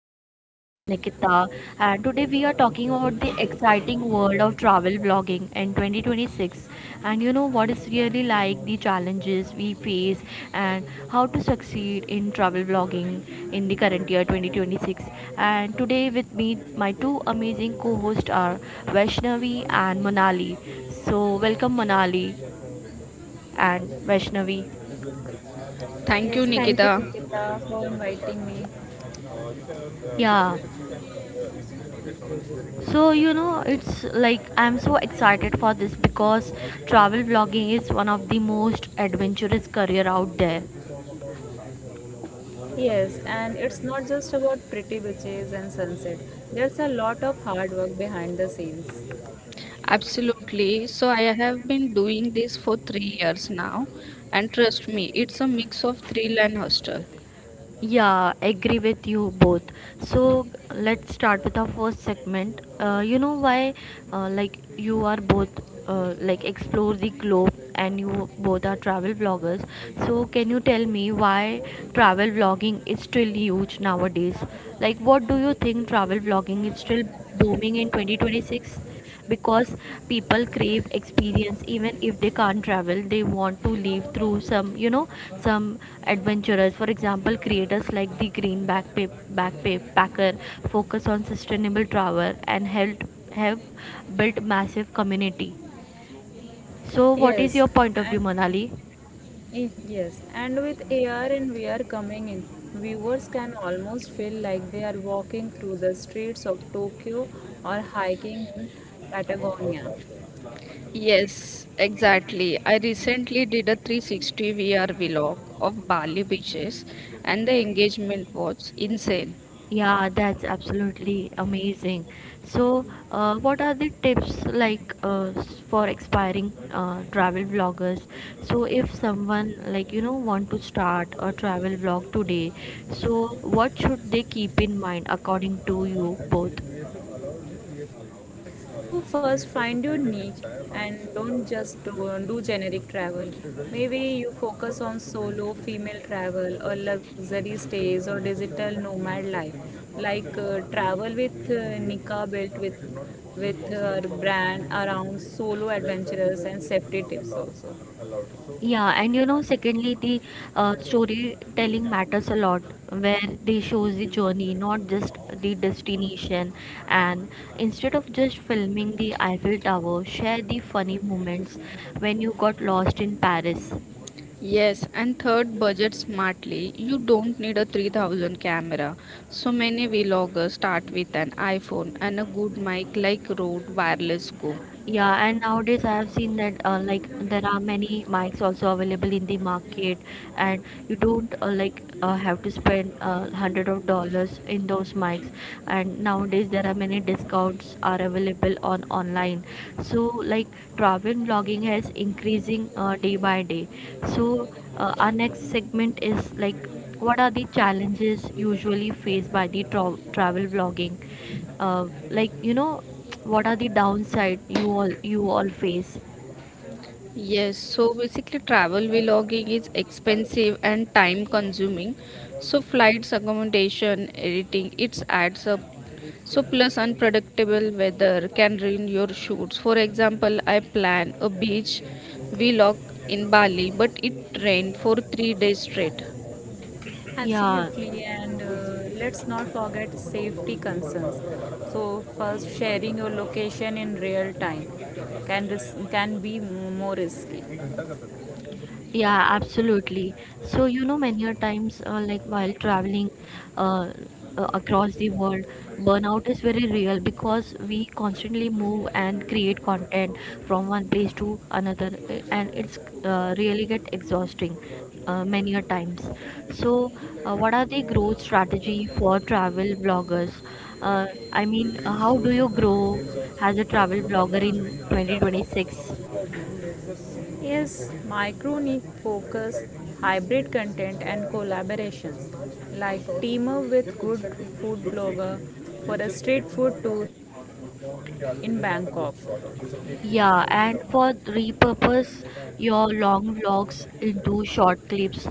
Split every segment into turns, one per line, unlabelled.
I'm your host Nikita, and today we are talking about the exciting world of travel vlogging in 2026. And you know what is really like the challenges we face and how to succeed in travel vlogging in the current year 2026. And today with me, my two amazing co-hosts are Vaishnavi and Manali. So welcome Manali and Vaishnavi.
Yes,
Thank you,
thank you,
Nikita.
Nikita, for inviting me.
Yeah. So, it's like I'm so excited for this because travel vlogging is one of the most adventurous career out there.
Yes, and it's not just about pretty beaches and sunset. There's a lot of hard work behind the scenes.
Absolutely. So, I have been doing this for 3 years now, and trust me, it's a mix of thrill and hostel.
Yeah, agree with you both. So, let's start with our first segment. You know why like you are both like explore the globe, and you both are travel vloggers. So, can you tell me why travel vlogging is still huge nowadays? Like what do you think travel vlogging is still booming in 2026? Because people crave experience, even if they can't travel they want to live through some you know some adventurers. For example, creators like the green backpack backpacker focus on sustainable travel, and helped have built massive community. So what is
Yes,
your point of view,
and
Manali?
yes, and with AR and VR coming in, viewers can almost feel like they are walking through the streets of Tokyo or hiking in Patagonia.
Yes, exactly. I recently did a 360 VR vlog of Bali beaches, and the engagement was insane.
Yeah, that's absolutely amazing. So, what are the tips like for aspiring travel vloggers? So, if someone like want to start a travel vlog today, so what should they keep in mind according to you both?
Actually, VFX allows you VFX allows So first filmmaker to find your create an niche entire and fantasy don't without just do generic travel. It is very Maybe important you impossible focus for us on to build solo female travel or luxury stays or digital nomad life things which are like are not real travel with which Nika built with it is not even with possible her for us to brand live around solo. That's why adventurers and safety tips also.
Yeah, and secondly, the storytelling matters a lot, where they shows the journey, not just the destination. And instead of just filming the Eiffel Tower, share the funny moments when you got lost in Paris.
Yes, and third, budget smartly. You don't need a 3,000 camera. So many vloggers start with an iPhone and a good mic like Rode Wireless Go.
Yeah, and nowadays I have seen that like there are many mics also available in the market, and you don't like have to spend hundred of dollars in those mics. And nowadays there are many discounts are available on online. So like travel blogging has increasing day by day. So our next segment is like what are the challenges usually faced by the travel vlogging, like you know what are the downside you all face.
Yes, so basically travel vlogging is expensive and time consuming. So flights, accommodation, editing, it adds up. So plus unpredictable weather can ruin your shoots. For example, I plan a beach vlog in Bali, but it rained for 3 days straight.
Yeah.
Absolutely, and let's not forget safety concerns. So, first, sharing your location in real time can be more risky. It
Yeah, absolutely. So, many a times, like while traveling uh, across the world, burnout is very real because we constantly move and create content from one place to another, and it's really get exhausting many a times. So, what are the growth strategy for travel bloggers? Uh, I mean,
really
how do
shows
you
you the
grow
details
as a
of what
travel
you are
blogger in
capturing in your camera.
2026?
So yeah, really makes the scene look Yes, very micro different. And I niche think the focus, lighting between hybrid scene content, and collaborations. Like team up with good food blogger for a street food okay, tour yeah, in Bangkok.
Yeah, and for repurpose your long vlogs into short clips.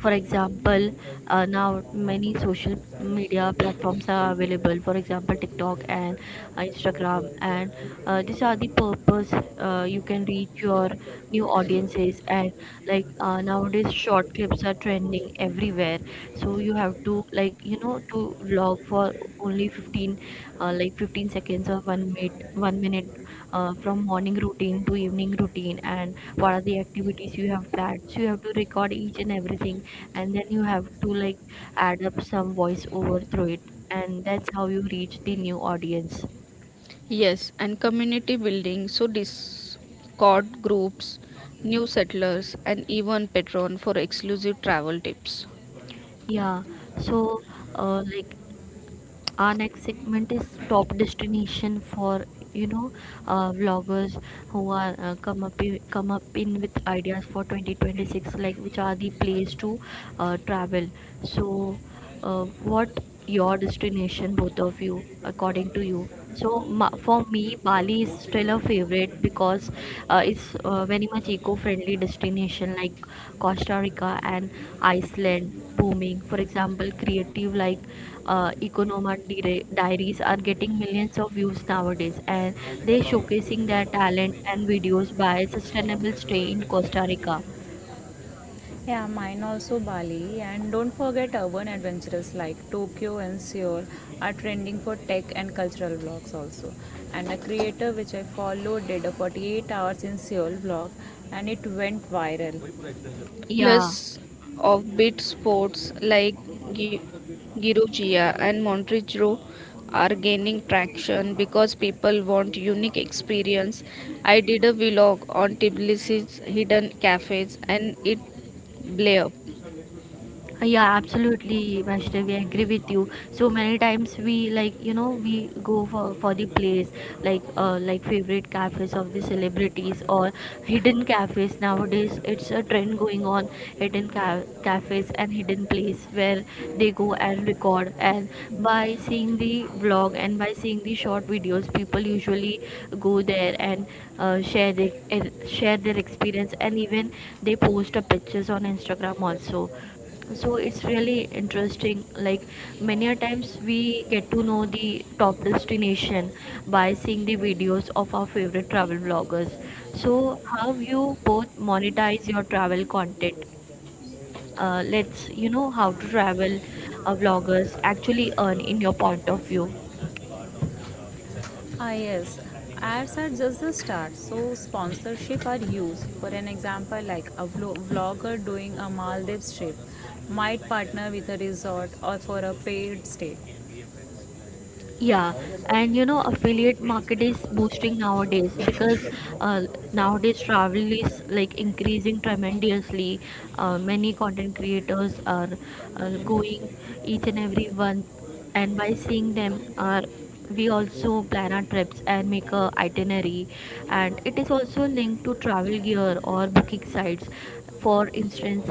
For example, now many social media platforms are available. For example, TikTok and Instagram, and these are the purpose. You can reach your new audiences, and like nowadays, short clips are trending everywhere. So you have to like you know to vlog for only 15 seconds or one minute, from morning routine to evening routine, and what are the activities you have planned, so you have to record each and everything, and then you have to like add up some voice over through it, and that's how you reach the new audience.
Yes, and community building, so Discord groups, new settlers and even Patreon for exclusive travel tips.
Yeah. So like our next segment is top destination for you know vloggers who are come up in with ideas for 2026, like which are the place to travel. So uh, what your destination both of you according to you? So for me, Bali is still a favorite because it's very much eco-friendly destination, like Costa Rica and Iceland booming. For example, creative like Economan diaries are getting millions of views nowadays, and they
Animation
showcasing their talent and videos
in
by Sustainable
animation.
Stay in Costa Rica.
Like, yeah, mine also Bali. And don't forget urban adventures like Tokyo and Seoul are trending for tech and cultural vlogs also. And a creator which I follow did a 48 hours in Seoul vlog and it went viral.
Plus
Yeah.
offbeat sports like Gi- Girogia and Montrigro are gaining traction because people want unique experience. I did a vlog on Tbilisi's hidden cafes and it blew up.
Yeah, absolutely, Vaishnavi, I agree with you. So many times we like, we go for the place, like favorite cafes of the celebrities or hidden cafes. Nowadays it's a trend going on, hidden cafes and hidden place where they go and record. And by seeing the vlog and by seeing the short videos, people usually go there and share their experience, and even they post a pictures on Instagram also. So it's really interesting, like many a times we get to know the top destination by seeing the videos of our favorite travel vloggers. So how you both monetize your travel content? Let's how to travel vloggers actually earn in your point of view?
Ah, yes, ads are just the start. So sponsorship are used. For an example, like a vlogger doing a Maldives trip might partner with a resort or for a paid stay.
Yeah, and affiliate market is boosting nowadays because uh, nowadays travel is like increasing tremendously. Many content creators are going each and every one, and by seeing them, are we also plan our trips and make a itinerary, and it is also linked to travel gear or booking sites. For instance,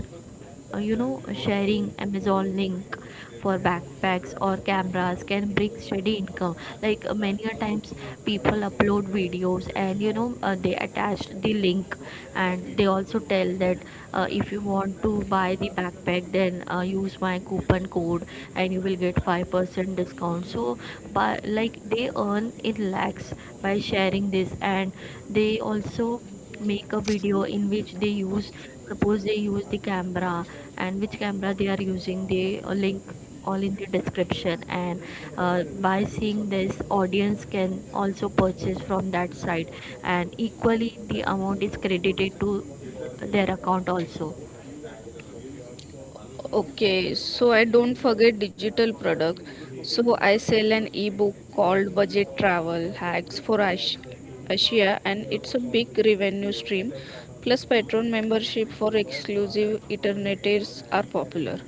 sharing amazon link for backpacks or cameras can bring steady income, like many a times people upload videos, and they attach the link, and they also tell that if you want to buy the backpack then use my coupon code and you will get 5% discount. So by like they earn in lakhs by sharing this, and they also make a video in which they use, suppose they use the camera, and which camera they are using they link all in the description. And by seeing this audience can also purchase from that site, and equally the amount is credited to their account also.
Okay, so I don't forget digital product. So I sell an ebook called Budget Travel Hacks for Asia, and it's a big revenue stream. Plus, Patreon membership for exclusive alternatives are popular.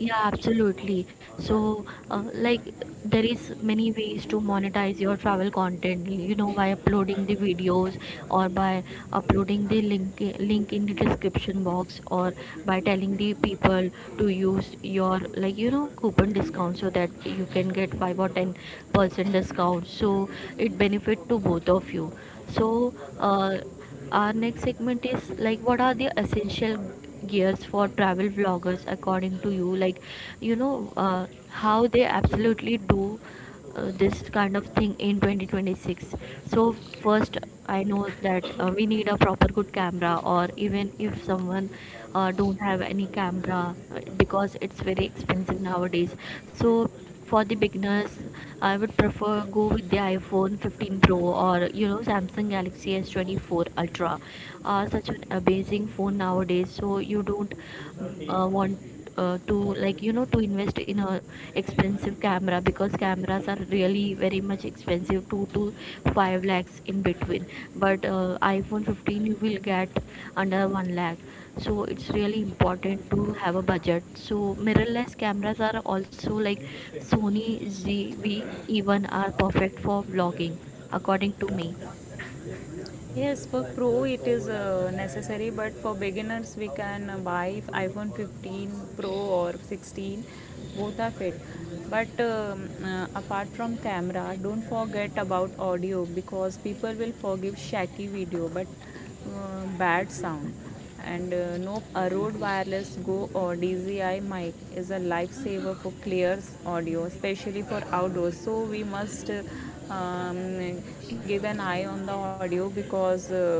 Yeah, absolutely. So like there is many ways to monetize your travel content, by uploading the videos, or by uploading the link in the description box, or by telling the people to use your like coupon discount so that you can get 5 or 10% discount. So it benefit to both of you. So uh, our next segment is like what are the essential gears for travel vloggers according to you? Like, how they absolutely do this kind of thing in 2026. So first, I know that we need a proper good camera, or even if someone don't have any camera because it's very expensive nowadays. So for the beginners, I would prefer go with the iPhone 15 Pro, or Samsung Galaxy S24 Ultra. Such an amazing phone nowadays, so you don't want to like to invest in a expensive camera, because cameras are really very much expensive, 2 to 5 lakhs in between. But iPhone 15 you will get under 1 lakh. So it's really important to have a budget. So mirrorless cameras are also like Sony zv, even are perfect for vlogging according to me.
Yes, for Pro it is necessary, but for beginners we can buy iPhone 15 Pro or 16. Both are fit, but apart from camera, don't forget about audio because people will forgive shaky video, but bad sound. And nope, a Rode Wireless Go or DZI mic is a lifesaver for clear audio, especially for outdoors. So we must um, give an eye on the audio because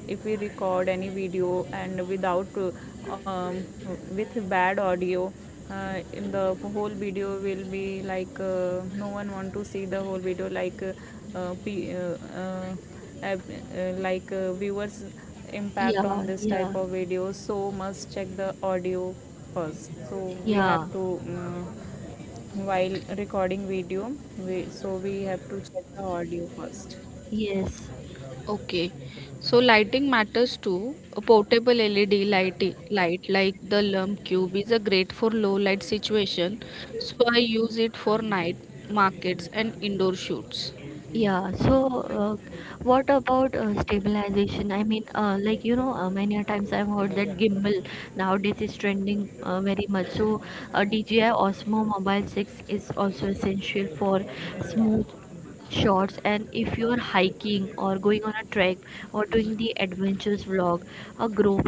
if we record any video and without um, with bad audio, in the whole video will be like no one want to see the whole video like uh, uh, uh, uh, viewers impact
Yeah.
on this
Yeah.
type of videos, so must check the audio first. So we have
Yeah.
to while recording video we so we have to check the audio first.
Yes.
Okay, so lighting matters too. A portable LED light like the Lump Cube is a great for low light situation. So I use it for night markets and indoor shoots.
Yeah, so what about stabilization? I mean, like many a times I've heard that gimbal nowadays is trending very much. So, DJI Osmo Mobile 6 is also essential for smooth shots. And if you're hiking or going on a trek or doing the adventures vlog, a Gro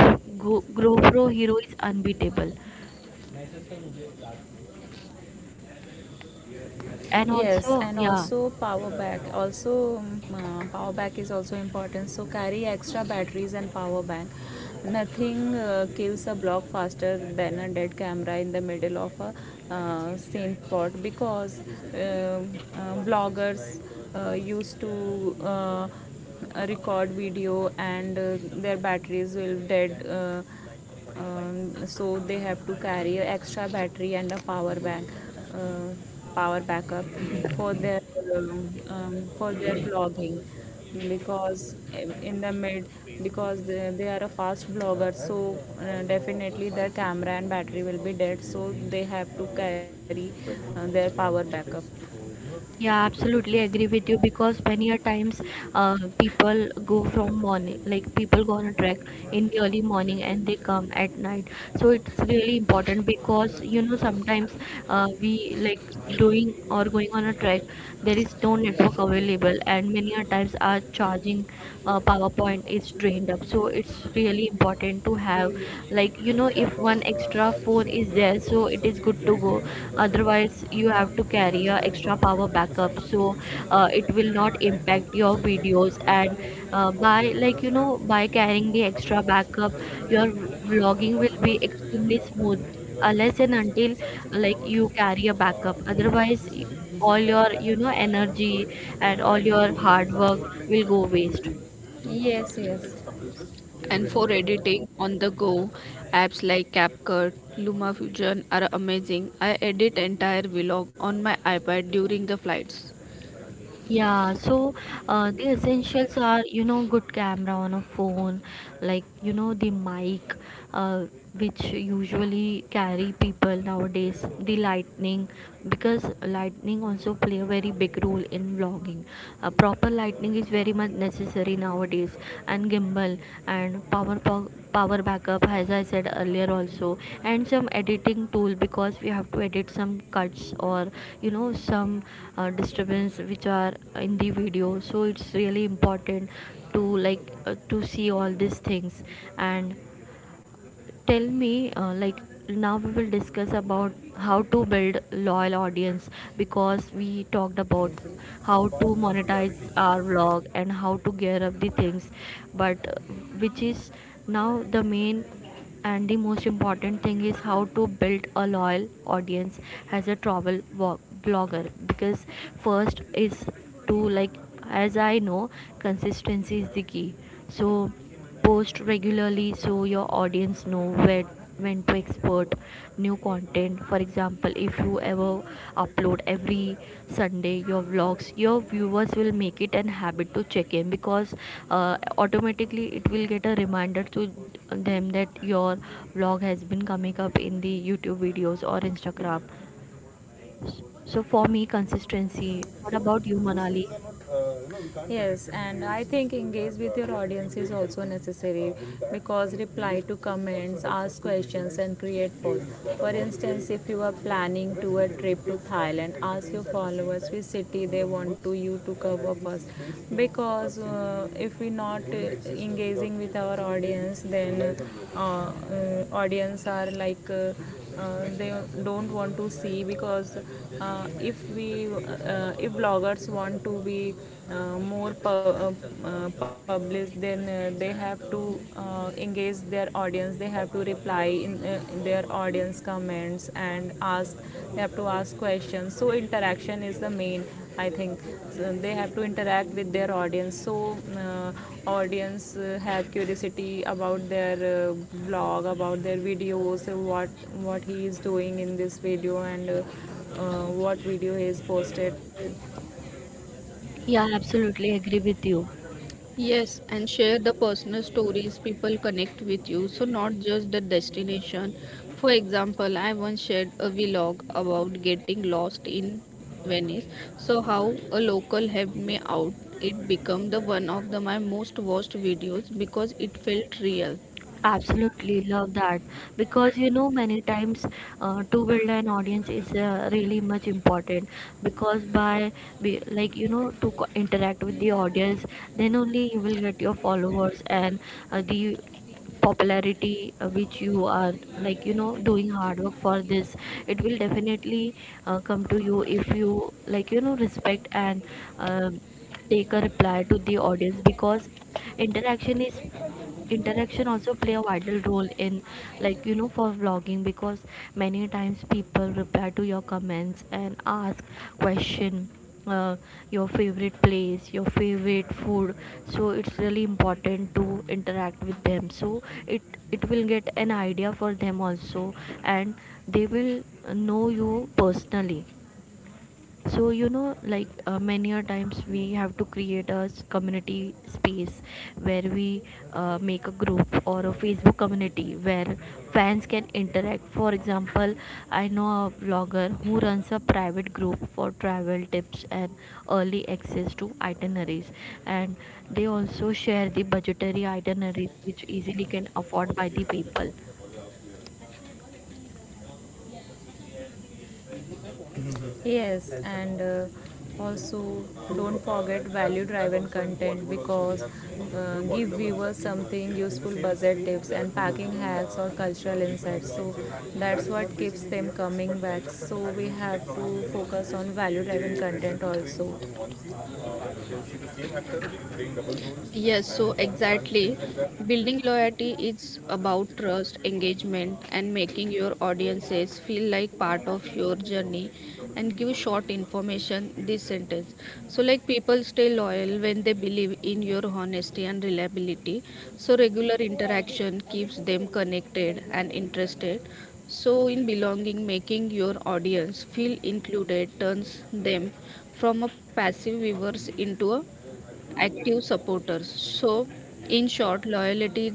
Go GoPro Hero is unbeatable. And
Yes,
also,
and
yeah.
also power bank also, power bank is also important, so carry extra batteries and power bank. Nothing kills a block faster than a dead camera in the middle of a scene spot, because bloggers used to record video and their batteries will dead, so they have to carry an extra battery and a power bank, uh, power backup for their for their blogging. Because in the mid, because they are a fast blogger, so definitely their camera and battery will be dead, so they have to carry their power backup.
Yeah, absolutely agree with you, because many a times people go from morning, like people go on a trek in the early morning and they come at night. So it's really important because you know sometimes we like doing or going on a trek, there is no network available, and many a times our charging PowerPoint is drained up. So it's really important to have, like you
James
know, if
Cameron
one
has
extra phone
shown
is
it
there,
in
so
such
it is good to
greatly in
go.
Interstellar,
Otherwise you
and
have to
he has
carry a
kind of
extra power
depicted the
backup,
scientist really
so
says that it,
it
it
will
may
not
kind of
impact
look
your
similar to the
videos,
real black
and
hole out
by
there.
like
Because
you
I,
know
if
by
you
carrying the
haven't
extra
watched
backup
Interstellar,
your
just go and
vlogging
watch it
will
once.
be
You really
extremely
love the
smooth
movie. If you are into
unless and
space and
until
science and
like you
technologies,
carry a backup.
so VFX
Otherwise
is heavily used
all
in that.
your you know
I have
energy
heard
and all
that it
your
took them
hard work
somewhat like
will go waste.
very huge. Yes, yes. Computers to
And for
render that
editing on the go, apps like CapCut, LumaFusion are amazing. I edit entire vlog on my iPad during the flights.
Yeah, so the essentials are, you know, good camera on a phone, like, you know, the mic, uh, which usually carry people nowadays, the lightning, because lightning also play a very big role in vlogging. Proper lighting is very much necessary nowadays, and gimbal and power backup as I said earlier also, and some editing tool because we have to edit some cuts or you know some disturbance which are in the video. So it's really important to like to see all these things. And tell me, like, now we will discuss about how to build loyal audience, because we talked about how
far
to
beyond reality.
monetize our vlog and how to gear up the things. But which is now the main and the most important thing is how to build a loyal audience as a blogger. Because first is to like, as I know, consistency is the key. So post regularly so your audience know where when to export new content. For example, if you ever upload every Sunday your vlogs, your viewers will make it an habit to check in, because automatically it will get a reminder to them that your vlog has been coming up in the YouTube videos or Instagram. So for me, consistency. What
So
about you,
those things
Manali?
are not, you know, we can't. Yes, and I think engage with your audience is also necessary, because reply to comments, ask questions, and create posts. For instance, if you are planning to a trip to Thailand, ask your followers which city they want to you to cover first. Because if we not engaging with our audience, then audience are like they don't want to see. Because if we if bloggers want to be more published, then they have to engage their audience, they have to reply in their audience comments and ask, they have to ask questions. So interaction is the main, I think. So they have to interact with their audience, so uh, audience have curiosity about their vlog, about their videos, what he is doing in this video, and what video he is posted.
Yeah, I absolutely agree with you.
Yes, and share the personal stories people connect with you, so not just the destination. For example, I once shared a vlog about getting lost in Venice, so how a local helped me out. It became the one of the my most watched videos because it felt real.
Absolutely love that, because you know many times to build an audience is really much important, because by like you know to interact with the audience, then only you will get your followers and the popularity which you are like you know doing hard work for this, it will definitely come to you if you like you know respect and um take a reply to the audience. Because interaction is interaction also play a vital role in like you know for vlogging, because many times people reply to your comments and ask question. uh, your favorite place, your favorite food, so it's really important to interact with them, so it it will get an idea for them also, and they will know you personally. So you know like, many a times we have to create a community space where we make a group or a Facebook community where fans can interact. For example, I know a vlogger who runs a private group for travel tips and early access to itineraries, and they also share the budgetary itineraries which easily can afford by the people.
Yes, and also don't forget value driven content, because give viewers something useful, budget tips and packing hacks or cultural insights. So that's what keeps them coming back. So we have to focus on value driven content also. uh,
Yes, so exactly.
like
Building loyalty is about trust, engagement, and making your audiences feel like part of your journey. And give short information this sentence. So, like people stay loyal when they believe in your honesty and reliability. So, regular interaction keeps them connected and interested. So, in belonging, making your audience feel included turns them from a passive viewers into a active supporters. So, in short, loyalty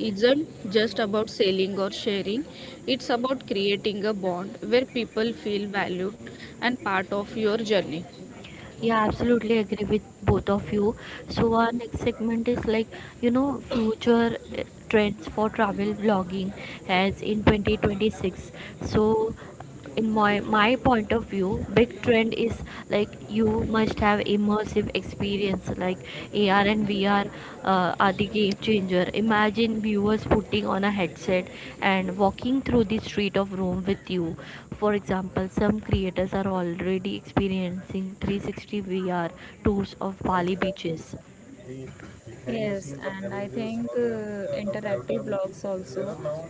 isn't just about selling or sharing, it's about creating a bond where people feel valued and part of your journey.
Yeah, absolutely agree with both of you. So our next segment is like you know future trends for travel blogging as in 2026. So in my point of view, big trend is like you must have immersive experience like AR and VR are the game changer. Imagine viewers putting on a headset and walking through the street of Rome with you. For example, some creators are already experiencing 360 VR tours of Bali beaches.
Yes, and I think interactive blogs also,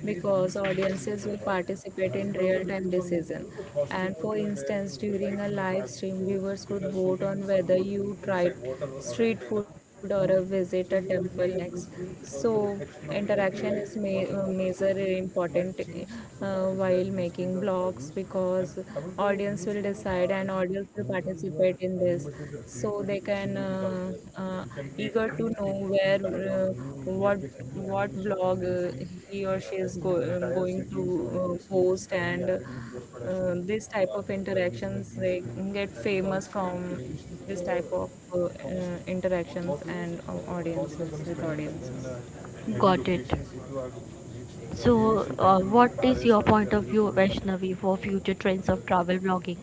because audiences will participate in real-time decision. And for instance, during a live stream, viewers could vote on whether you tried street food or a visit a temple next. So interaction is major important while making blogs, because audience will decide and audience will participate in this. So they can uh, eager to know where, what what blog he or she is going to post, and this type of interactions they get famous from, this type of interactions and audiences with audiences. Heavy
Got it.
locations, if you are reach, really
So
shooting in
what is
Paris,
your
or if you
point
are
of
really
view,
shooting in.
Vaishnavi, for future trends of travel blogging?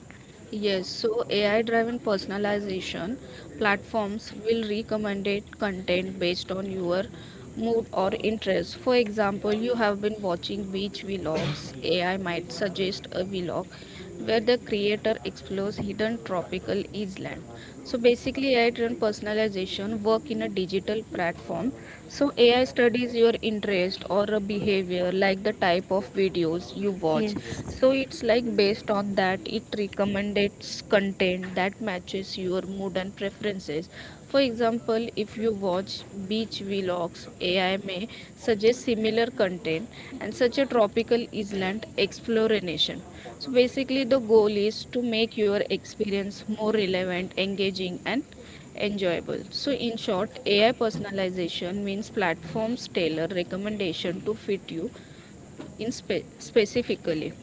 Yes, so AI driven personalization platforms will recommend it content based on your mood or interest. For example, you have been watching beach vlogs, AI might suggest a vlog where the creator explores hidden tropical island. So basically, AI-driven personalization work in a digital platform. So AI studies your interest or a behavior, like the type of videos you watch.
Yes.
So it's like based on that, it recommends content that matches your mood and preferences. For example, if you watch beach vlogs, AI may suggest similar content and such a tropical island exploration. So basically the goal is to make your experience more relevant, engaging and enjoyable. So in short, AI personalization means platforms tailor recommendation to fit you in specifically.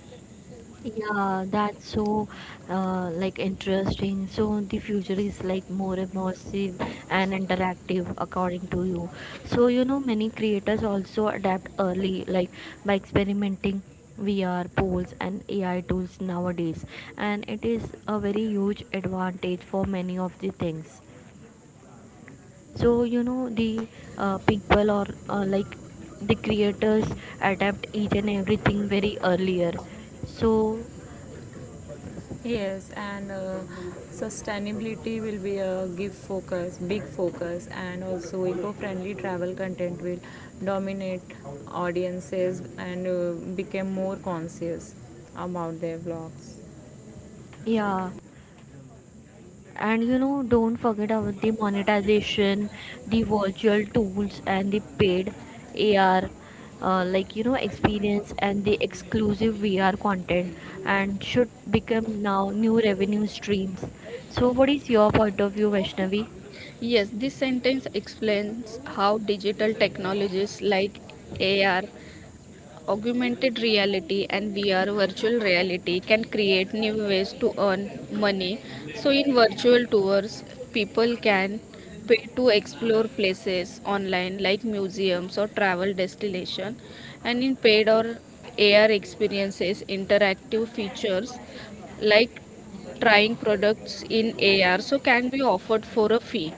Yeah, that's so like interesting. So the future is like more immersive and interactive according to you. So you know many creators also adapt early, like by experimenting VR polls and AI tools nowadays, and it is a very huge advantage for many of the things. So you know the people or like the creators adapt each and everything very earlier. So
Yes, and sustainability will be a big focus, and also eco-friendly travel content will dominate audiences, and become more conscious about their blogs.
yeah. And you know, don't forget about the monetization, the virtual tools, and the paid AR, like you know, experience and the exclusive VR content, and should become now new revenue streams. So, what is your point of view, Vaishnavi?
Yes, this sentence explains how digital technologies like AR Augmented reality and VR virtual reality can create new ways to earn money. So, in virtual tours, people can pay to explore places online like museums or travel destination, and in paid or AR experiences interactive features like trying products in AR so can be offered for a fee.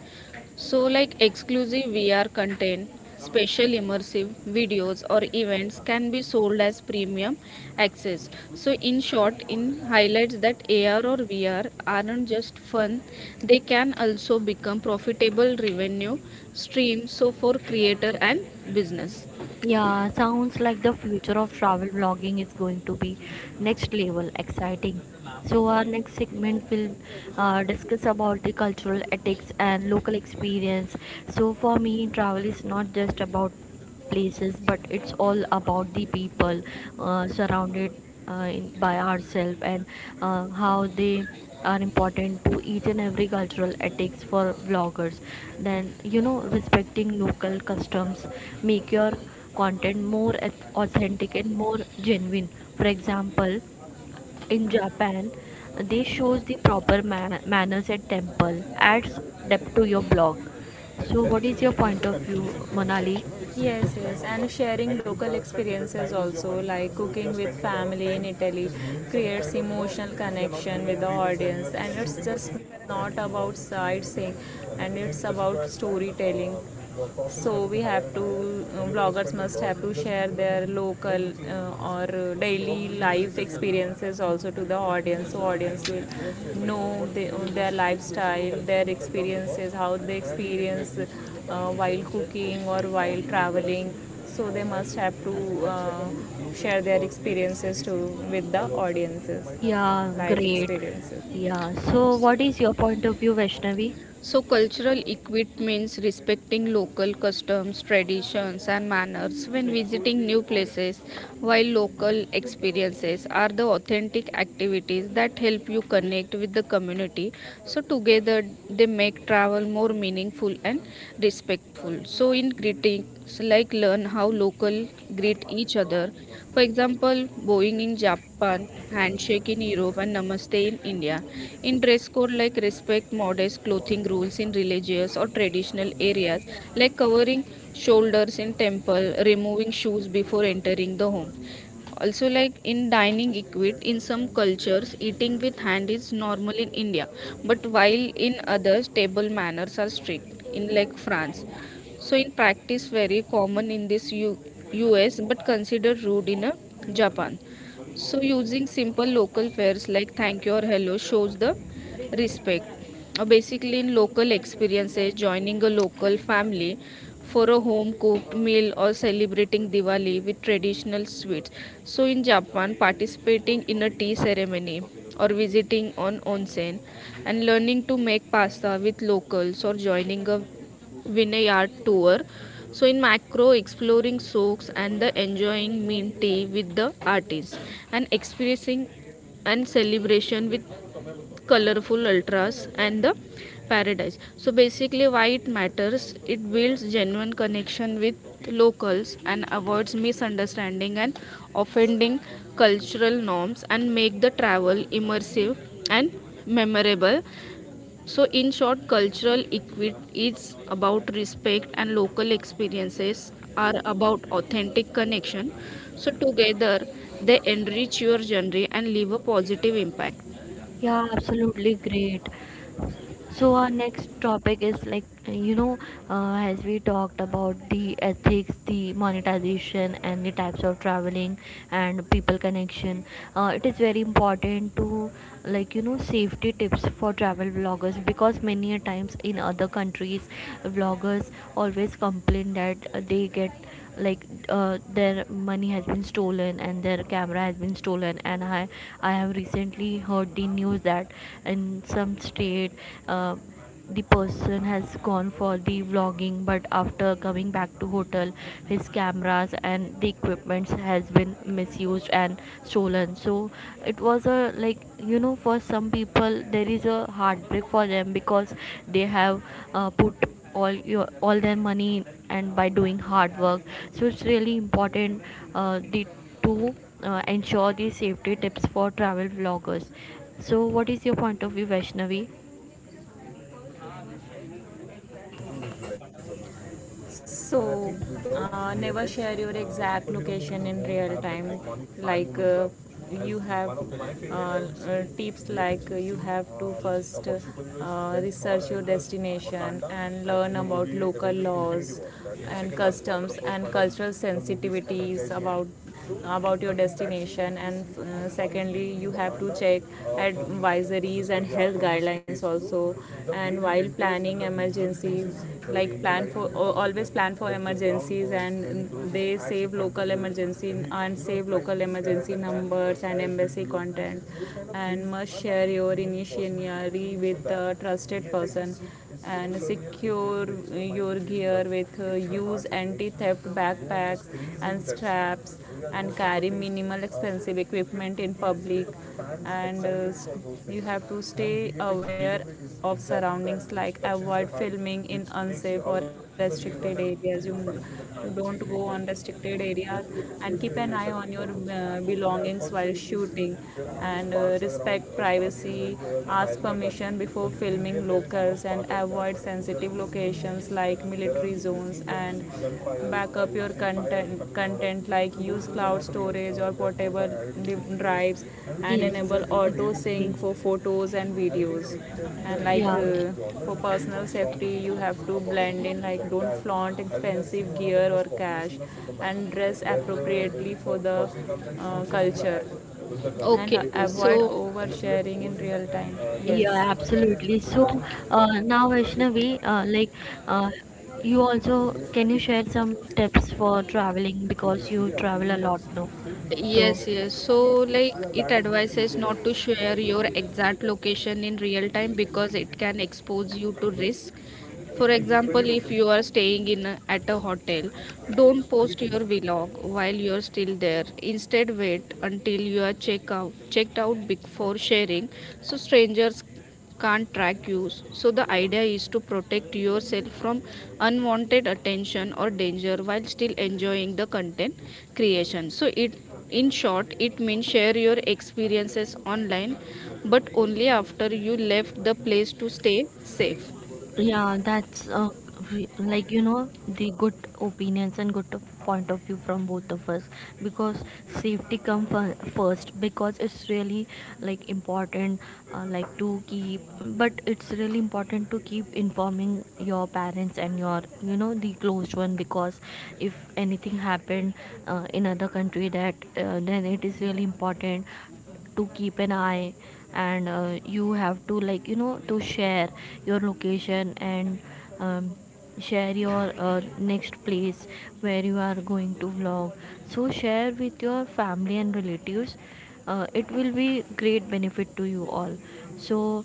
So, like exclusive VR content, special immersive videos, or events can be sold as premium access. So, in short, in highlights that AR or VR aren't just fun, they can also become profitable revenue streams so for creator and business.
Yeah, sounds like the future of travel vlogging is going to be next level exciting. So our next segment will discuss about the cultural ethics and local experience. So for me, travel is not just about places, but it's all about the people surrounded in, by ourselves, and how they are important to each and every cultural ethics for vloggers. Then you know respecting local customs make your content more authentic and more genuine. For example, in Japan, they shows the proper manners at temple adds depth to your blog. So
That
what is
should
your
reduce
point
the
of view,
confusion on set.
Monali?
You know, it's, yes, yes, and sharing local experiences also, like so cooking with family in Italy, creates emotional connection with the audience, and it's just not about sightseeing, and it's about storytelling. So we have to vloggers must have to share their local or daily life experiences also to the audience, so audience will know their lifestyle, their experiences, how they experience while cooking or while traveling. So they must have to share their experiences to with the audiences,
Yeah,
life
great.
experiences.
Yeah, so what is your point of view, Vaishnavi?
So, cultural equit means respecting local customs, traditions, and manners when visiting new places, while local experiences are the authentic activities that help you connect with the community. So, together they make travel more meaningful and respectful. So, in greeting, greetings like learn how local greet each other. For example, bowing in Japan, handshake in Europe, and namaste in India. In dress code like respect modest clothing rules in religious or traditional areas like covering shoulders in temple, removing shoes before entering the home. Also, like in dining equipment, in some cultures, eating with hand is normal in India, but while in others, table manners are strict. In like France, so in practice, very common in this U.S. but considered rude in Japan. So, using simple local fares like thank you or hello shows the respect. Basically, in local experiences, joining a local family for a home cooked meal or celebrating Diwali with traditional sweets. So, in Japan, participating in a tea ceremony or visiting on onsen and learning to make pasta with locals or joining a vineyard tour. So, in macro, exploring soaks and the enjoying mint tea with the artists and experiencing and celebration with colorful ultras and the paradise. So basically why it matters, it builds genuine connection with locals and avoids misunderstanding and offending cultural norms and make the travel immersive and memorable. So in short, cultural equity is about respect and local experiences are about authentic connection. So together they enrich your journey and leave a positive impact.
Yeah, absolutely great. So our next topic is like you know, as we talked about the ethics, the monetization, and the types of traveling and people connection. It is very important to like you know safety tips for travel bloggers, because many a times in other countries vloggers always complain that they get like their money has been stolen and their camera has been stolen, and I have recently heard the news that in some state uh, the person has gone for the vlogging, but after coming back to hotel his cameras and the equipments has been misused and stolen. So it was a like you know for some people there is a heartbreak for them, because they have put all your all their money and by doing hard work. So it's really important the to ensure the safety tips for travel vloggers. So what is your point of view, Vaishnavi?
So, never share your exact location in real time. Like you have tips like, you have to first research your destination and learn about local laws and customs and cultural sensitivities about your destination. And secondly, you have to check advisories and health guidelines also. And while planning emergencies, like plan for, always plan for emergencies, and they save local emergency and save local emergency numbers and embassy content, and must share your initiatory with a trusted person, and secure your gear with, use anti-theft backpacks and straps, and carry minimal expensive equipment in public. And you have to stay aware of surroundings, like avoid filming in unsafe or restricted areas, you don't go on restricted areas, and keep an eye on your belongings while shooting. And respect privacy, ask permission before filming locals and avoid sensitive locations like military zones. And back up your content, like use cloud storage or portable drives, and
Yes,
enable auto
exactly.
sync for photos and videos. And like
Yeah,
for personal safety, you have to blend in, like don't flaunt expensive gear or cash, and dress appropriately for the culture, and
Okay.
avoid
So
oversharing in real time.
yeah,
Yes, yes,
absolutely. So,
there
now
is
Vaishnavi, like, uh, you also
those kind of,
can you share some tips for traveling
so
because
visually
you travel
appealing
a
that
lot now.
still we can't
So,
forget
yes,
those
yes. So,
things. So yeah,
like,
that
it
is what CGI
advises not
is
to share
for
your
you.
exact location in real time because it can expose you to
When-.
risk. For example, if you are staying in at a hotel, don't post your vlog while you are still there. Instead, wait until you are checked out before sharing, so strangers can't track you. So the idea is to protect yourself from unwanted attention or danger while still enjoying the content creation. So it in short it means share your experiences online but only after you left the place to stay safe.
yeah, that's we- like you know the good opinions and point of view from both of us. Because safety come first, because it's really like important like to keep, but it's really important to keep informing your parents and your you know the closed one, because if anything happened in other country that then it is really important to keep an eye. And you have to like you know to share your location and um, share your next place where you are going to vlog. So share with your family and relatives, it will be great benefit to you all. So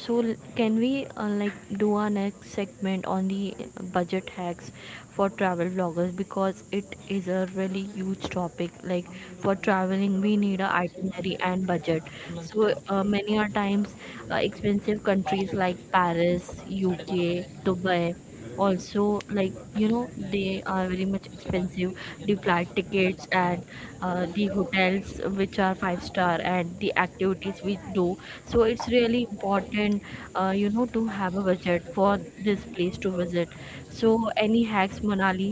so can we like do our next segment on the budget hacks for travel vloggers, because it is a really huge topic. Like for traveling, we need a itinerary and budget. So many are times expensive countries like Paris, UK, Dubai also, like you know they are very much expensive, the flight tickets and the hotels which are five star and the activities we do. So it's really important you know to have a budget for this place to visit. So any hacks, Manali?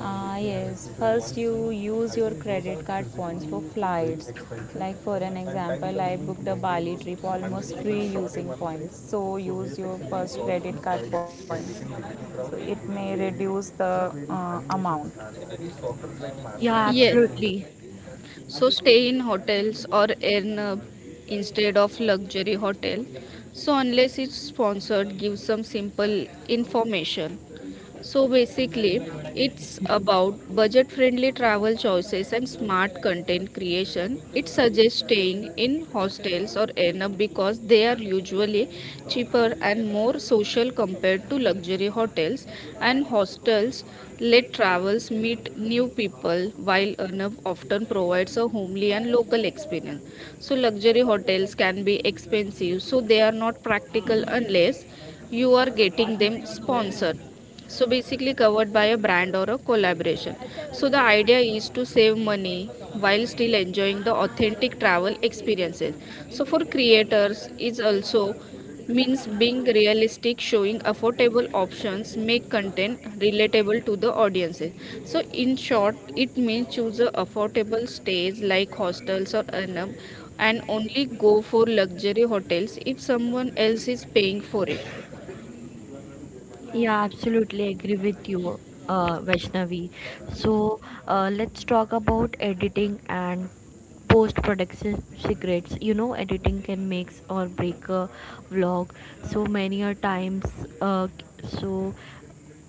Ah, yes. First, you use I your think those are credit card points for physically very flights. Expensive Like, for an and time example, I consuming to booked to a maintain Bali maintain those trip 100 almost 100 people free shot in using one frame. Points. Place. So, use VFX your VFX really first solves credit this card by points. Generating digital So, crowds it may varied, reduce the animations amount. And I think software is like Massive
Yeah,
and
Yes,
Unreal.
absolutely.
so stay in hotels or in instead of luxury hotel. So unless it's sponsored give some simple information. So basically, it's about budget friendly travel choices and smart content creation. It suggests staying in hostels or Airbnb because they are usually cheaper and more social compared to luxury hotels, and hostels let travels meet new people while Airbnb often provides a homely and local experience. So, luxury hotels can be expensive, so they are not practical unless you are getting them sponsored, so basically covered by a brand or a collaboration. So the idea is to save money while still enjoying the authentic travel experiences. So for creators it also means being realistic showing affordable options make content relatable to the audiences. So in short it means choose a affordable stays like hostels or anam and only go for luxury hotels if someone else is paying for it.
Yeah, absolutely agree with you, Vaishnavi. So, let's talk about editing and post-production secrets. You know, editing can make or break a vlog. So many are times, uh, so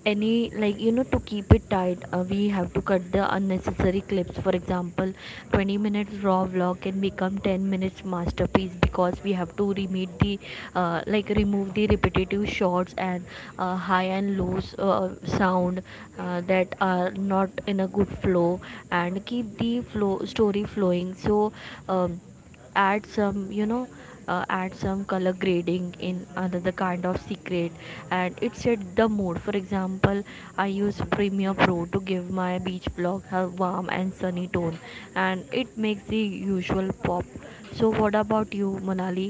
any like you know to keep it tight, we have to cut the unnecessary clips. For example, 20 minutes raw vlog can become 10 minutes masterpiece, because we have to remove the remove the repetitive shots and high and lows sound that are not in a good flow, and keep the flow story flowing. So um, add some you know add some color grading in another kind of secret, and it set the mood. For example, I use Premiere Pro to give my beach blog a warm and sunny tone, and it makes the usual pop. So what about you, Monali?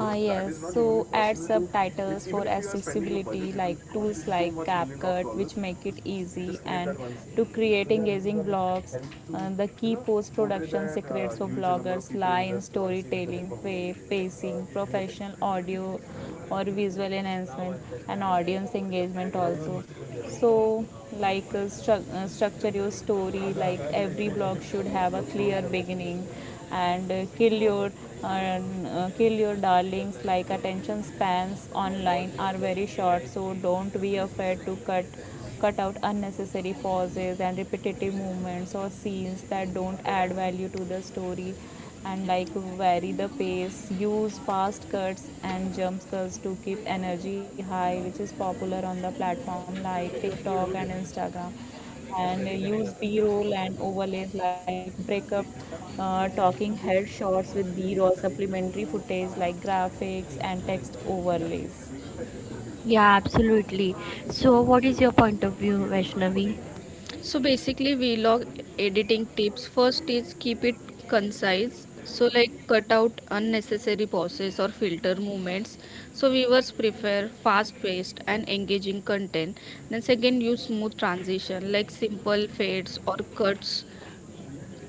Ah, yes, so add subtitles for accessibility like tools like CapCut, which make it easy and to create engaging blogs. The key post production secrets for bloggers lie in storytelling, pacing, professional audio or visual enhancement, and audience engagement also. So structure your story. Like every blog should have a clear beginning, and uh, kill your and kill your darlings. Like attention spans online are very short, so don't be afraid to cut out unnecessary pauses and repetitive movements or scenes that don't add value to the story. And like vary the pace, use fast cuts and jump cuts to keep energy high, which is popular on the platform like TikTok and Instagram. And use b-roll and overlays like breakup talking head shots with b-roll supplementary footage like graphics and text overlays.
Yeah, absolutely. So what is your point of view, Vaishnavi?
So basically, vlog editing tips. First is keep it concise. So like cut out unnecessary pauses or filter movements. So viewers prefer fast-paced and engaging content. Then second, use smooth transition like simple fades or cuts.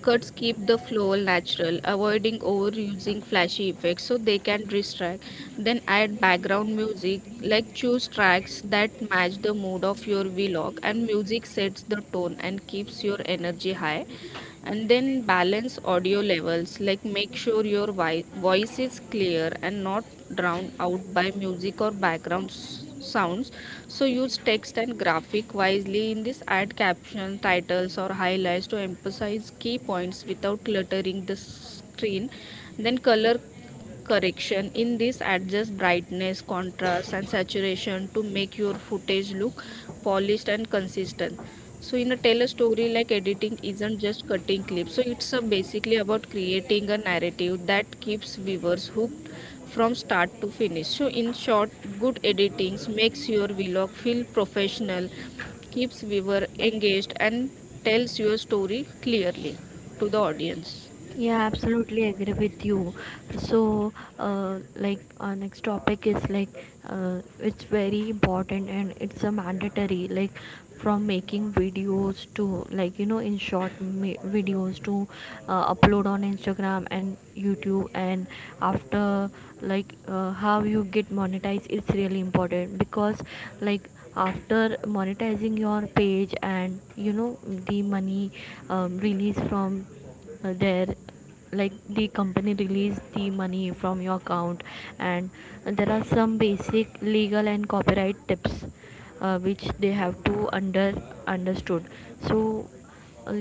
Cuts keep the flow natural, avoiding overusing flashy effects so they can distract. Then add background music, like choose tracks that match the mood of your vlog, and music sets the tone and keeps your energy high. And then balance audio levels like make sure your voice is clear and not drowned out by music or background sounds. So use text and graphic wisely in this add caption titles or highlights to emphasize key points without cluttering the screen. Then color correction in this adjust brightness contrast and saturation to make your footage look polished and consistent. So in a tell a story like editing isn't just cutting clips. So it's basically about creating a narrative that keeps viewers hooked from start to finish. So in short, good editing makes your vlog feel professional, keeps viewer engaged and tells your story clearly to the audience.
Yeah, absolutely agree with you. So, like our next topic is like it's very important and it's a mandatory. Like from making videos to like you know in short videos to upload on Instagram and YouTube, and after like how you get monetized, it's really important. Because like after monetizing your page and you know the money release from there, like the company release the money from your account. And there are some basic legal and copyright tips which they have to under understood. So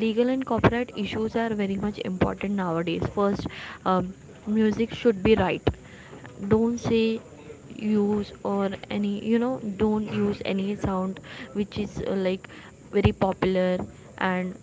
legal and copyright issues are very much important nowadays. First, um, music should be right. Don't say use, or any you know, don't use any sound which is like very popular and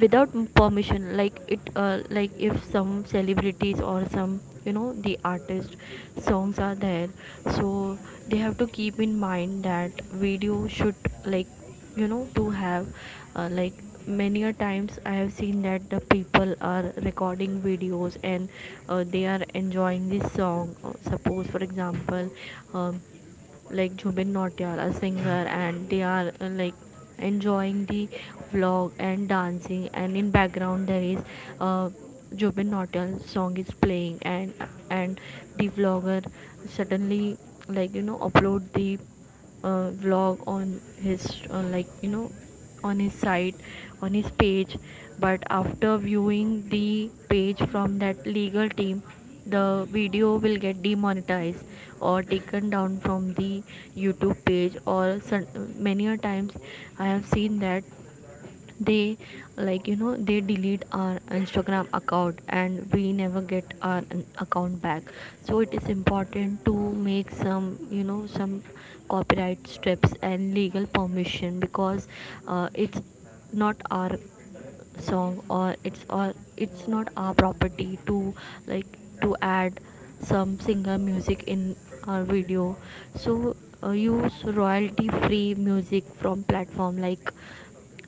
without permission. Like it like if some celebrities or some you know the artist songs are there, so they have to keep in mind that video should like you know to have like, many a times I have seen that the people are recording videos and they are enjoying this song. Suppose for example um, like Jubin Nautiyal, a singer, and they are like enjoying the vlog and dancing. And in background there is uh, Jubin Nautiyal song is playing, and and the vlogger suddenly like you know upload the vlog on his like you know on his site, on his page. But after viewing the page from that legal team, the video will get demonetized or taken down from the YouTube page or some, many a times I have seen that they like you know they delete our Instagram account and we never get our account back. So it is important to make some you know some copyright strips and legal permission, because it's not our song, or it's, or it's not our property to like to add some singer music in our video. So use royalty free music from platform like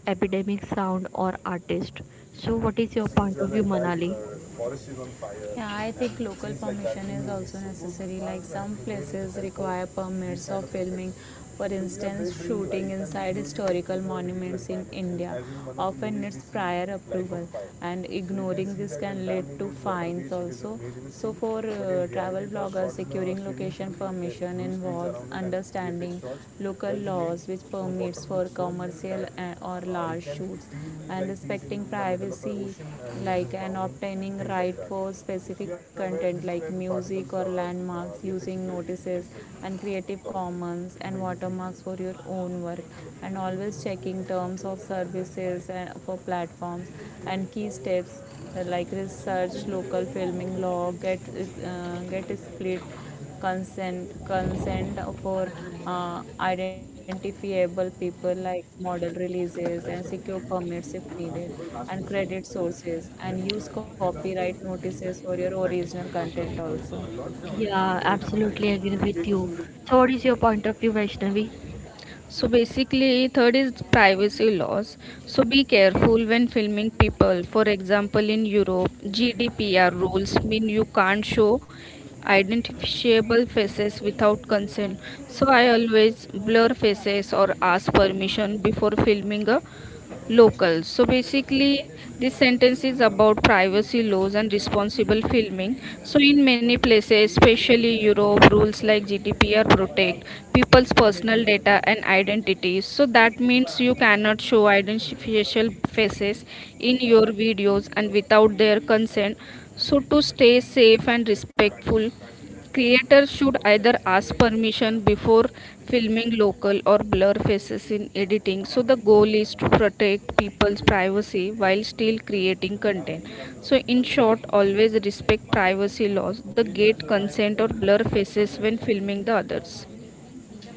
Epidemic Sound or artist. So, what is your
Scenes where the
point of view,
entire
Manali?
forest is on fire. Yeah, I think local scenes like permission is also so necessary. Like some really places require permits for filming. For instance, shooting inside historical monuments in India often needs prior approval, and so ignoring this can lead to fines also. So, for travel bloggers, securing location pool permission involves understanding local laws, which permits for commercial or large shoots, and respecting privacy like, and obtaining right for specific content like music or landmarks using notices and creative commons and watermarks for your own work, and always checking terms of services and for platforms. And key steps, like research local filming law, get a split consent for identifiable people like model releases, and secure permits if needed, and credit sources, and use copyright notices for your original content also.
Yeah, absolutely agree with you. So, what is your point of view, Vaishnavi?
So basically, third is privacy laws. So be careful when filming people. For example, in Europe, GDPR rules mean you can't show identifiable faces without consent. So I always blur faces or ask permission before filming a locals. So basically, this sentence is about privacy laws and responsible filming. So in many places, especially Europe, rules like GDPR protect people's personal data and identities. So that means you cannot show identifiable faces in your videos and without their consent. So to stay safe and respectful, creators should either ask permission before filming local or blur faces in editing. So the goal is to protect people's privacy while still creating content. So in short, always respect privacy laws, the gate consent or blur faces when filming the others.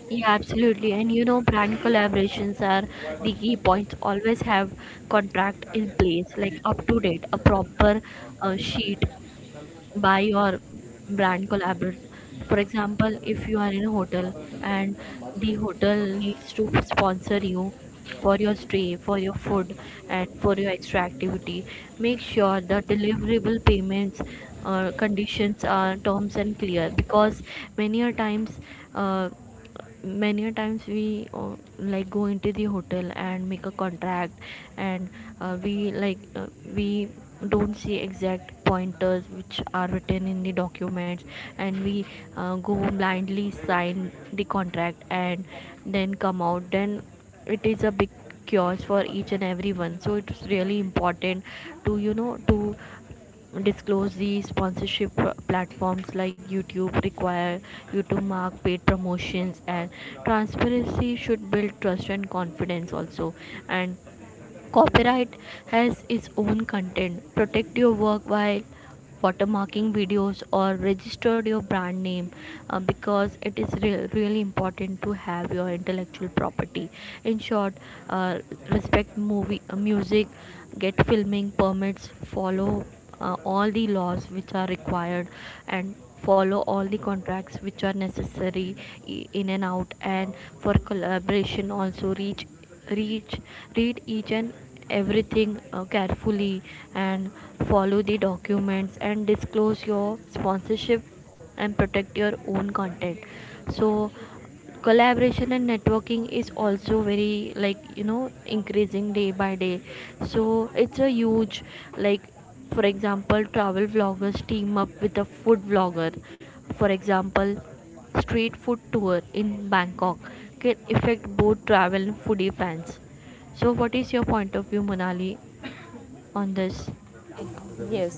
Yeah, absolutely. And you know, brand collaborations are the key points. Always have contract in place, like up to date, a proper sheet buy your brand collaborate. For example, if you are in a hotel and the hotel needs to sponsor you for your stay, for your food, and for your extra activity, make sure the deliverable payments, conditions are terms and clear, because many a times, uh, we like go into the hotel and make a contract, and uh, we like uh, we don't see exact pointers which are written in the documents, and we go blindly sign the contract and then come out. Then it is a big chaos for each and everyone, so it's really important to, you know, to disclose the sponsorship. Platforms like YouTube require you to mark paid promotions, and transparency should build trust and confidence also. And copyright has its own content. Protect your work while watermarking videos or register your brand name, because it is really important to have your intellectual property. In short, uh, respect movie, music, get filming permits, follow all the laws which are required, and follow all the contracts which are necessary in and out, and for collaboration also, reach reach read each and everything carefully, and follow the documents and disclose your sponsorship and protect your own content. So collaboration and networking is also very, like, you know, increasing day by day. So it's a huge, like, for example, travel vloggers team up with a food vlogger. For example, street food tour in Bangkok can affect both travel and foodie fans. So what is your point of view, Monali, on this?
Yes,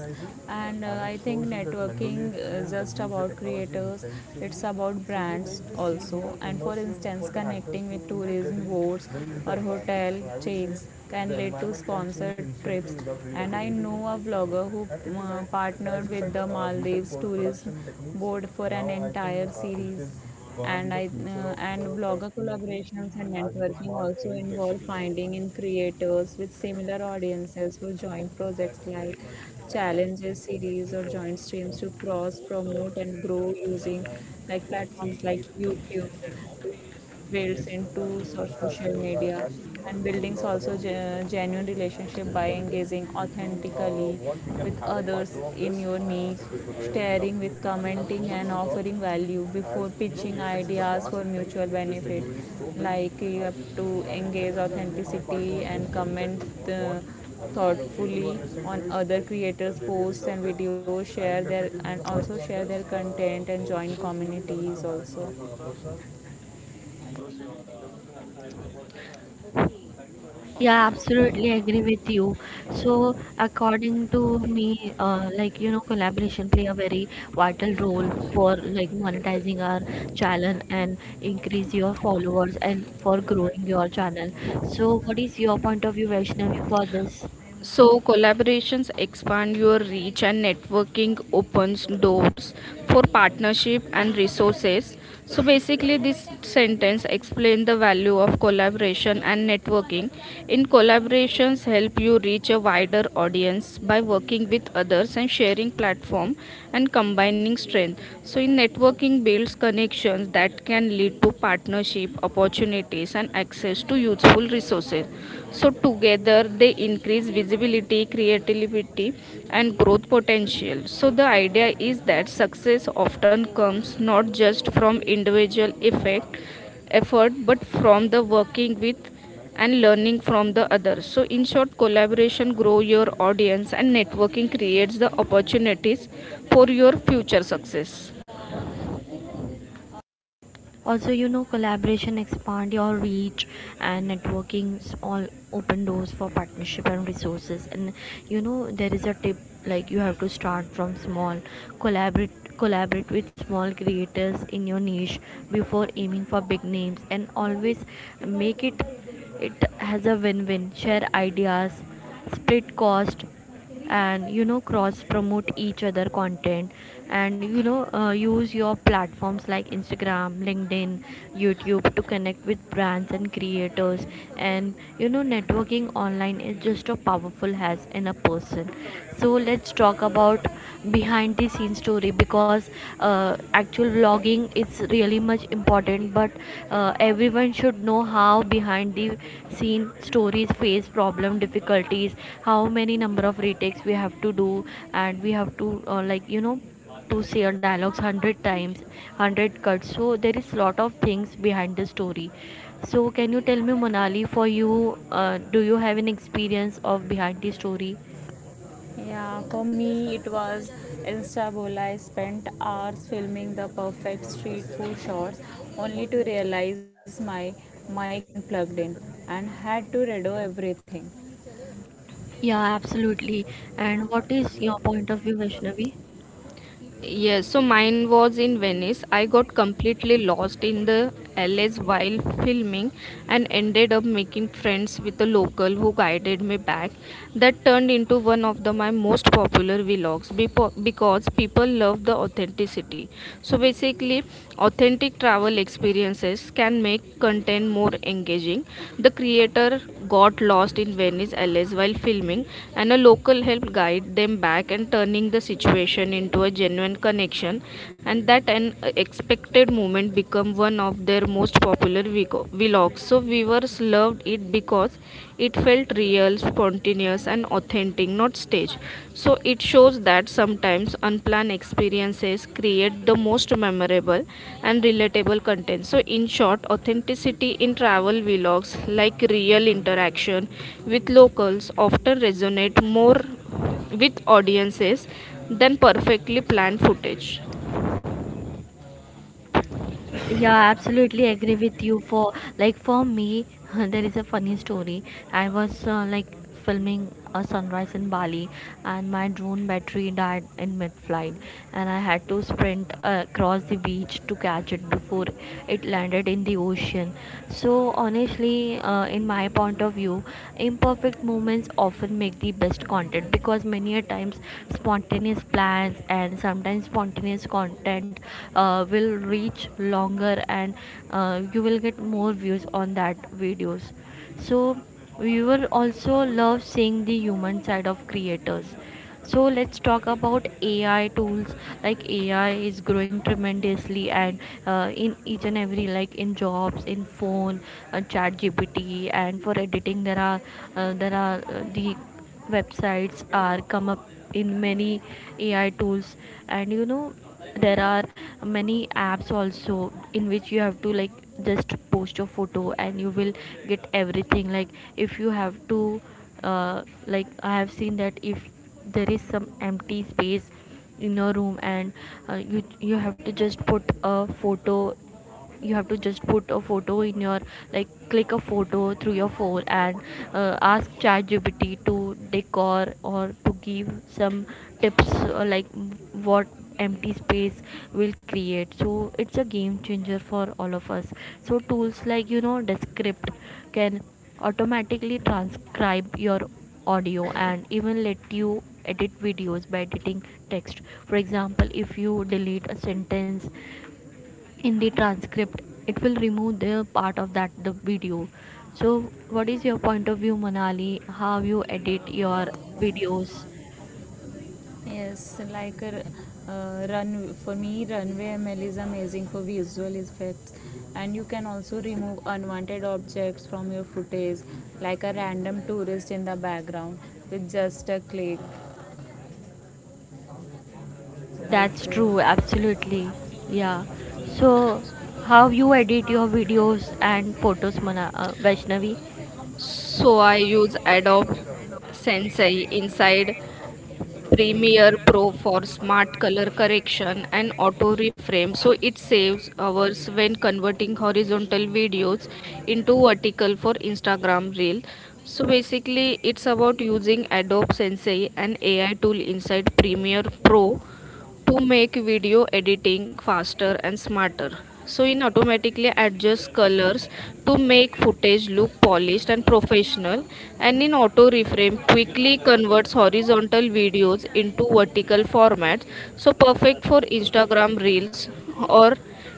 and I think networking is just about creators, it's about brands also. And for instance, connecting with tourism boards or hotel chains can lead to sponsored trips. And I know a vlogger who partnered with the Maldives Tourism Board for an entire series. And I uh, and blogger collaborations and networking also involve finding in creators with similar audiences who join projects like challenges, series, or joint streams to cross promote and grow, using like platforms like YouTube builds. Yes, sir. Into social media and social buildings also. Genuine relationship by engaging authentically with others in your niche, sharing with, so commenting and offering value before pitching ideas for mutual benefit. So like you have to up to engage authenticity and comment uh, thoughtfully on other creators really posts and videos, share their, and also share their content, and so join really communities also.
Yeah, absolutely agree with you. So, according to me, like, you know, collaboration play a very vital role for like monetizing our channel and increase your followers and for growing your channel. So, what is your point of view, Vaishnavi, for this?
So, collaborations expand your reach and networking opens doors for partnership and resources. So, basically, this sentence explains the value of collaboration and networking. In collaborations, help you reach a wider audience by working with others and sharing platform and combining strength. So, in networking, builds connections that can lead to partnership opportunities and access to useful resources. So, together they increase visibility, creativity, and growth potential. So, the idea is that success often comes not just from individual effect, effort but from the working with and learning from the others. So, in short, collaboration grow your audience and networking creates the opportunities for your future success.
Also, you know, collaboration expand your reach and networkings all open doors for partnership and resources. And you know, there is a tip, like you have to start from small. Collaborate with small creators in your niche before aiming for big names, and always make it, it has a win-win. Share ideas, split cost, and you know, cross promote each other content. And you know, use your platforms like Instagram, LinkedIn, YouTube to connect with brands and creators. And you know, networking online is just a powerful has in a person. So let's talk about behind the scenes story, because actual vlogging is really much important, but everyone should know how behind the scene stories face problem difficulties, how many number of retakes we have to do, and we have to, like, you know, to say a dialogues 100 times, 100 cuts. So there is lot of things behind the story. So can you tell me, Monali, for you, do you have an experience of behind the story?
Yeah, for me it was Instabola. I spent hours filming the perfect street food shots only to realize my mic wasn't plugged in and had to redo everything.
Yeah, absolutely. And what is your point of view, Vaishnavi?
Yes, so mine was in Venice. I got completely lost in the alleys while filming and ended up making friends with a local who guided me back. That turned into one of my most popular vlogs because people love the authenticity. So basically, authentic travel experiences can make content more engaging. The creator got lost in Venice, Alice while filming, and a local helped guide them back and turning the situation into a genuine connection. And that an expected moment become one of their most popular vlogs. So viewers loved it because it felt real, spontaneous, and authentic, not staged. So it shows that sometimes unplanned experiences create the most memorable and relatable content. So, in short, authenticity in travel vlogs, like real interaction with locals, often resonate more with audiences than perfectly planned footage.
Yeah, absolutely agree with you. For, like, for me, there is a funny story. I was, like, filming a sunrise in Bali, and my drone battery died in mid-flight, and I had to sprint across the beach to catch it before it landed in the ocean. So honestly, in my point of view, imperfect moments often make the best content, because many a times spontaneous plans, and sometimes spontaneous content will reach longer, and you will get more views on that videos. So viewer also love seeing the human side of creators. So let's talk about AI tools. Like, AI is growing tremendously, and in each and every, like, in jobs, in phone, chat gpt and for editing there are, the websites are come up in many AI tools. And you know, there are many apps also in which you have to, like, just post your photo and you will get everything. Like, if you have to, like, I have seen that if there is some empty space in your room, and you have to just put a photo, you have to just put a photo in your, like, click a photo through your phone, and ask ChatGPT to decor or to give some tips, like what empty space will create. So it's a game changer for all of us. So tools like, you know, Descript can automatically transcribe your audio and even let you edit videos by editing text. For example, if you delete a sentence in the transcript, it will remove the part of that the video. So what is your point of view, manali how you edit your videos?
Yes, like run for me, runway ML is amazing for visual effects, and you can also remove unwanted objects from your footage, like a random tourist in the background with just a click. Like
That's
uh,
true, absolutely. Yeah. So how you edit your videos and photos, Vaishnavi?
So I use Adobe Sensei inside Premiere Pro for smart color correction and auto reframe so it saves hours when converting horizontal videos into vertical for Instagram reel. So basically it's about using Adobe Sensei an AI tool inside Premiere Pro to make video editing faster and smarter. So it automatically adjusts colors to make footage look polished and professional, and in auto reframe quickly converts horizontal videos into vertical formats so perfect for Instagram reels or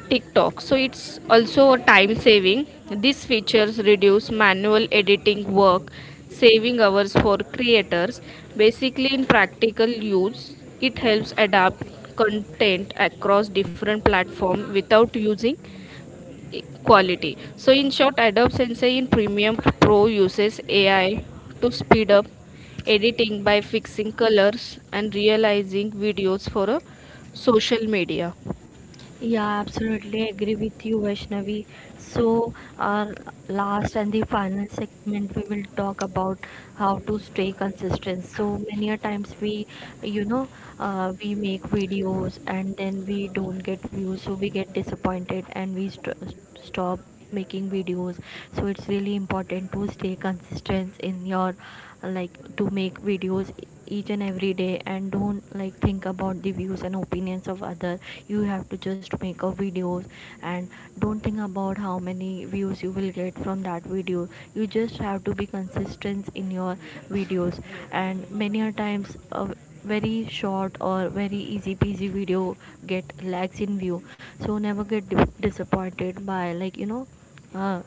TikTok. So it's also a time saving. These features reduce manual editing work, saving hours for creators. Basically, in practical use, it helps adapt content across different platforms without using quality. So in short, Adobe Sensei in Premium Pro uses AI to speed up editing by fixing colors and realizing videos for a social media.
Yeah, absolutely agree with you, Vaishnavi. So, our last and the final segment, we will talk about how to stay consistent. So many a times we, you know, we make videos and then we don't get views, so we get disappointed and we stop making videos. So it's really important to stay consistent in your, like, to make videos each and every day, and don't, like, think about the views and opinions of other. You have to just make a videos, and don't think about how many views you will get from that video. You just have to be consistent in your videos. And many a times a very short or very easy peasy video get lags in view. So never get disappointed by, like, you know, uh,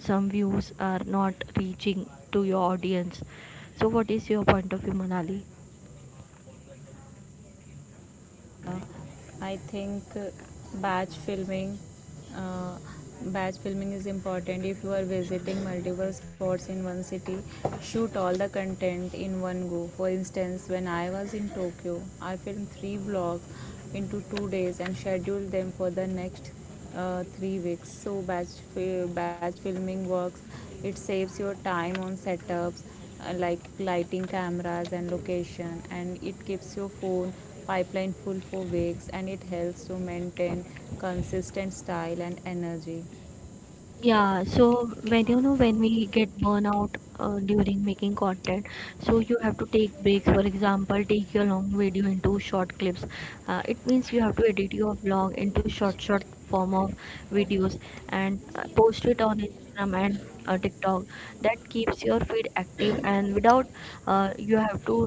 some views are not reaching to your audience. So what is your point of view, manali
Uh, I think batch filming, uh, batch filming is important. If you are visiting multiple spots in one city, shoot all the content in one go. For instance, when I was in Tokyo, I filmed three vlogs into 2 days and scheduled them for the next 3 weeks. So batch filming works. It saves your time on setups like lighting, cameras, and location, and it keeps your phone pipeline full for weeks, and it helps to maintain consistent style and energy.
Yeah, so, when you know, when we get burnout during making content, so you have to take breaks. For example, take your long video into short clips. It means you have to edit your vlog into short form of videos and post it on Instagram and TikTok. That keeps your feed active, and without, you have to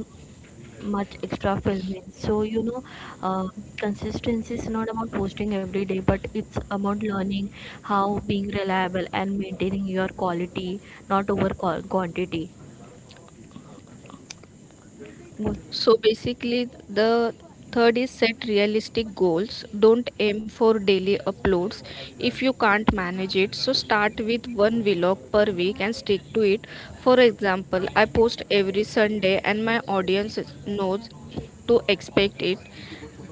much extra filming. So you know, uh, consistency is not about posting every day, but it's about learning how being reliable and maintaining your quality, not over quantity. Good.
So basically, the third is set realistic goals. Don't aim for daily uploads if you can't manage it. So start with one vlog per week and stick to it. For example, I post every Sunday and my audience knows to expect it.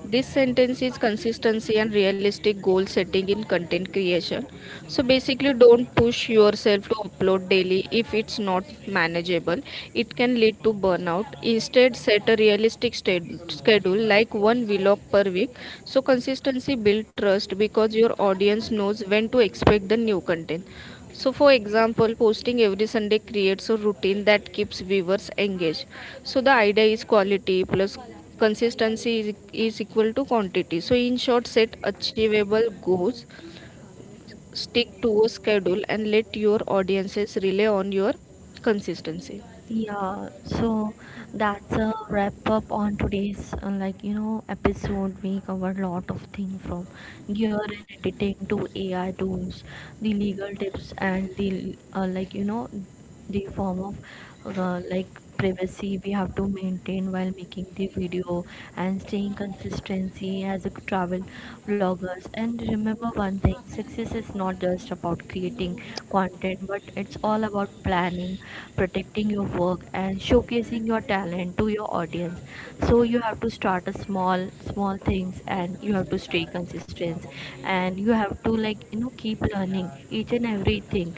This sentence is consistency and realistic goal setting in content creation. So basically, don't push yourself to upload daily if it's not manageable. It can lead to burnout. Instead, set a realistic schedule like one vlog per week. So consistency builds trust because your audience knows when to expect the new content. So, for example, posting every Sunday creates a routine that keeps viewers engaged. So, the idea is quality plus consistency is equal to quantity. So, in short, set achievable goals, stick to a schedule, and let your audiences rely on your consistency.
Yeah, so that's a wrap up on today's like, you know, episode. We covered a lot of things, from gear and editing to AI tools, the legal tips, and the, like, you know, the form of, like, privacy we have to maintain while making the video, and staying consistency as a travel vloggers. And remember one thing: success is not just about creating content, but it's all about planning, protecting your work, and showcasing your talent to your audience. So you have to start a small small things, and you have to stay consistent, and you have to, like, you know, keep learning each and everything.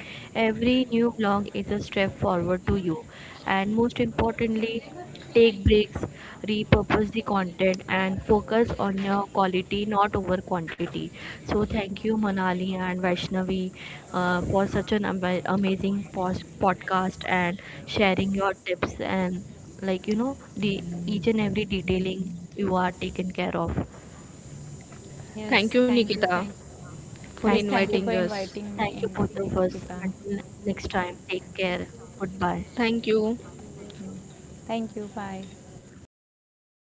Every new vlog is a step forward to you, and most importantly, take breaks, repurpose the content, and focus on your quality, not over quantity. So thank you, manali and Vaishnavi, for such an amazing podcast and sharing your tips, and like, you know, the each and every detailing you are taken care of.
Thank
Yes,
you,
thank you.
Nikita,
Thank—
for
Thank
yes, thank
you.
you for
inviting us.
inviting me
Thank you
in,
both of us.
Nikita.
Until next time, take care. Goodbye.
Thank you.
Thank you. Bye.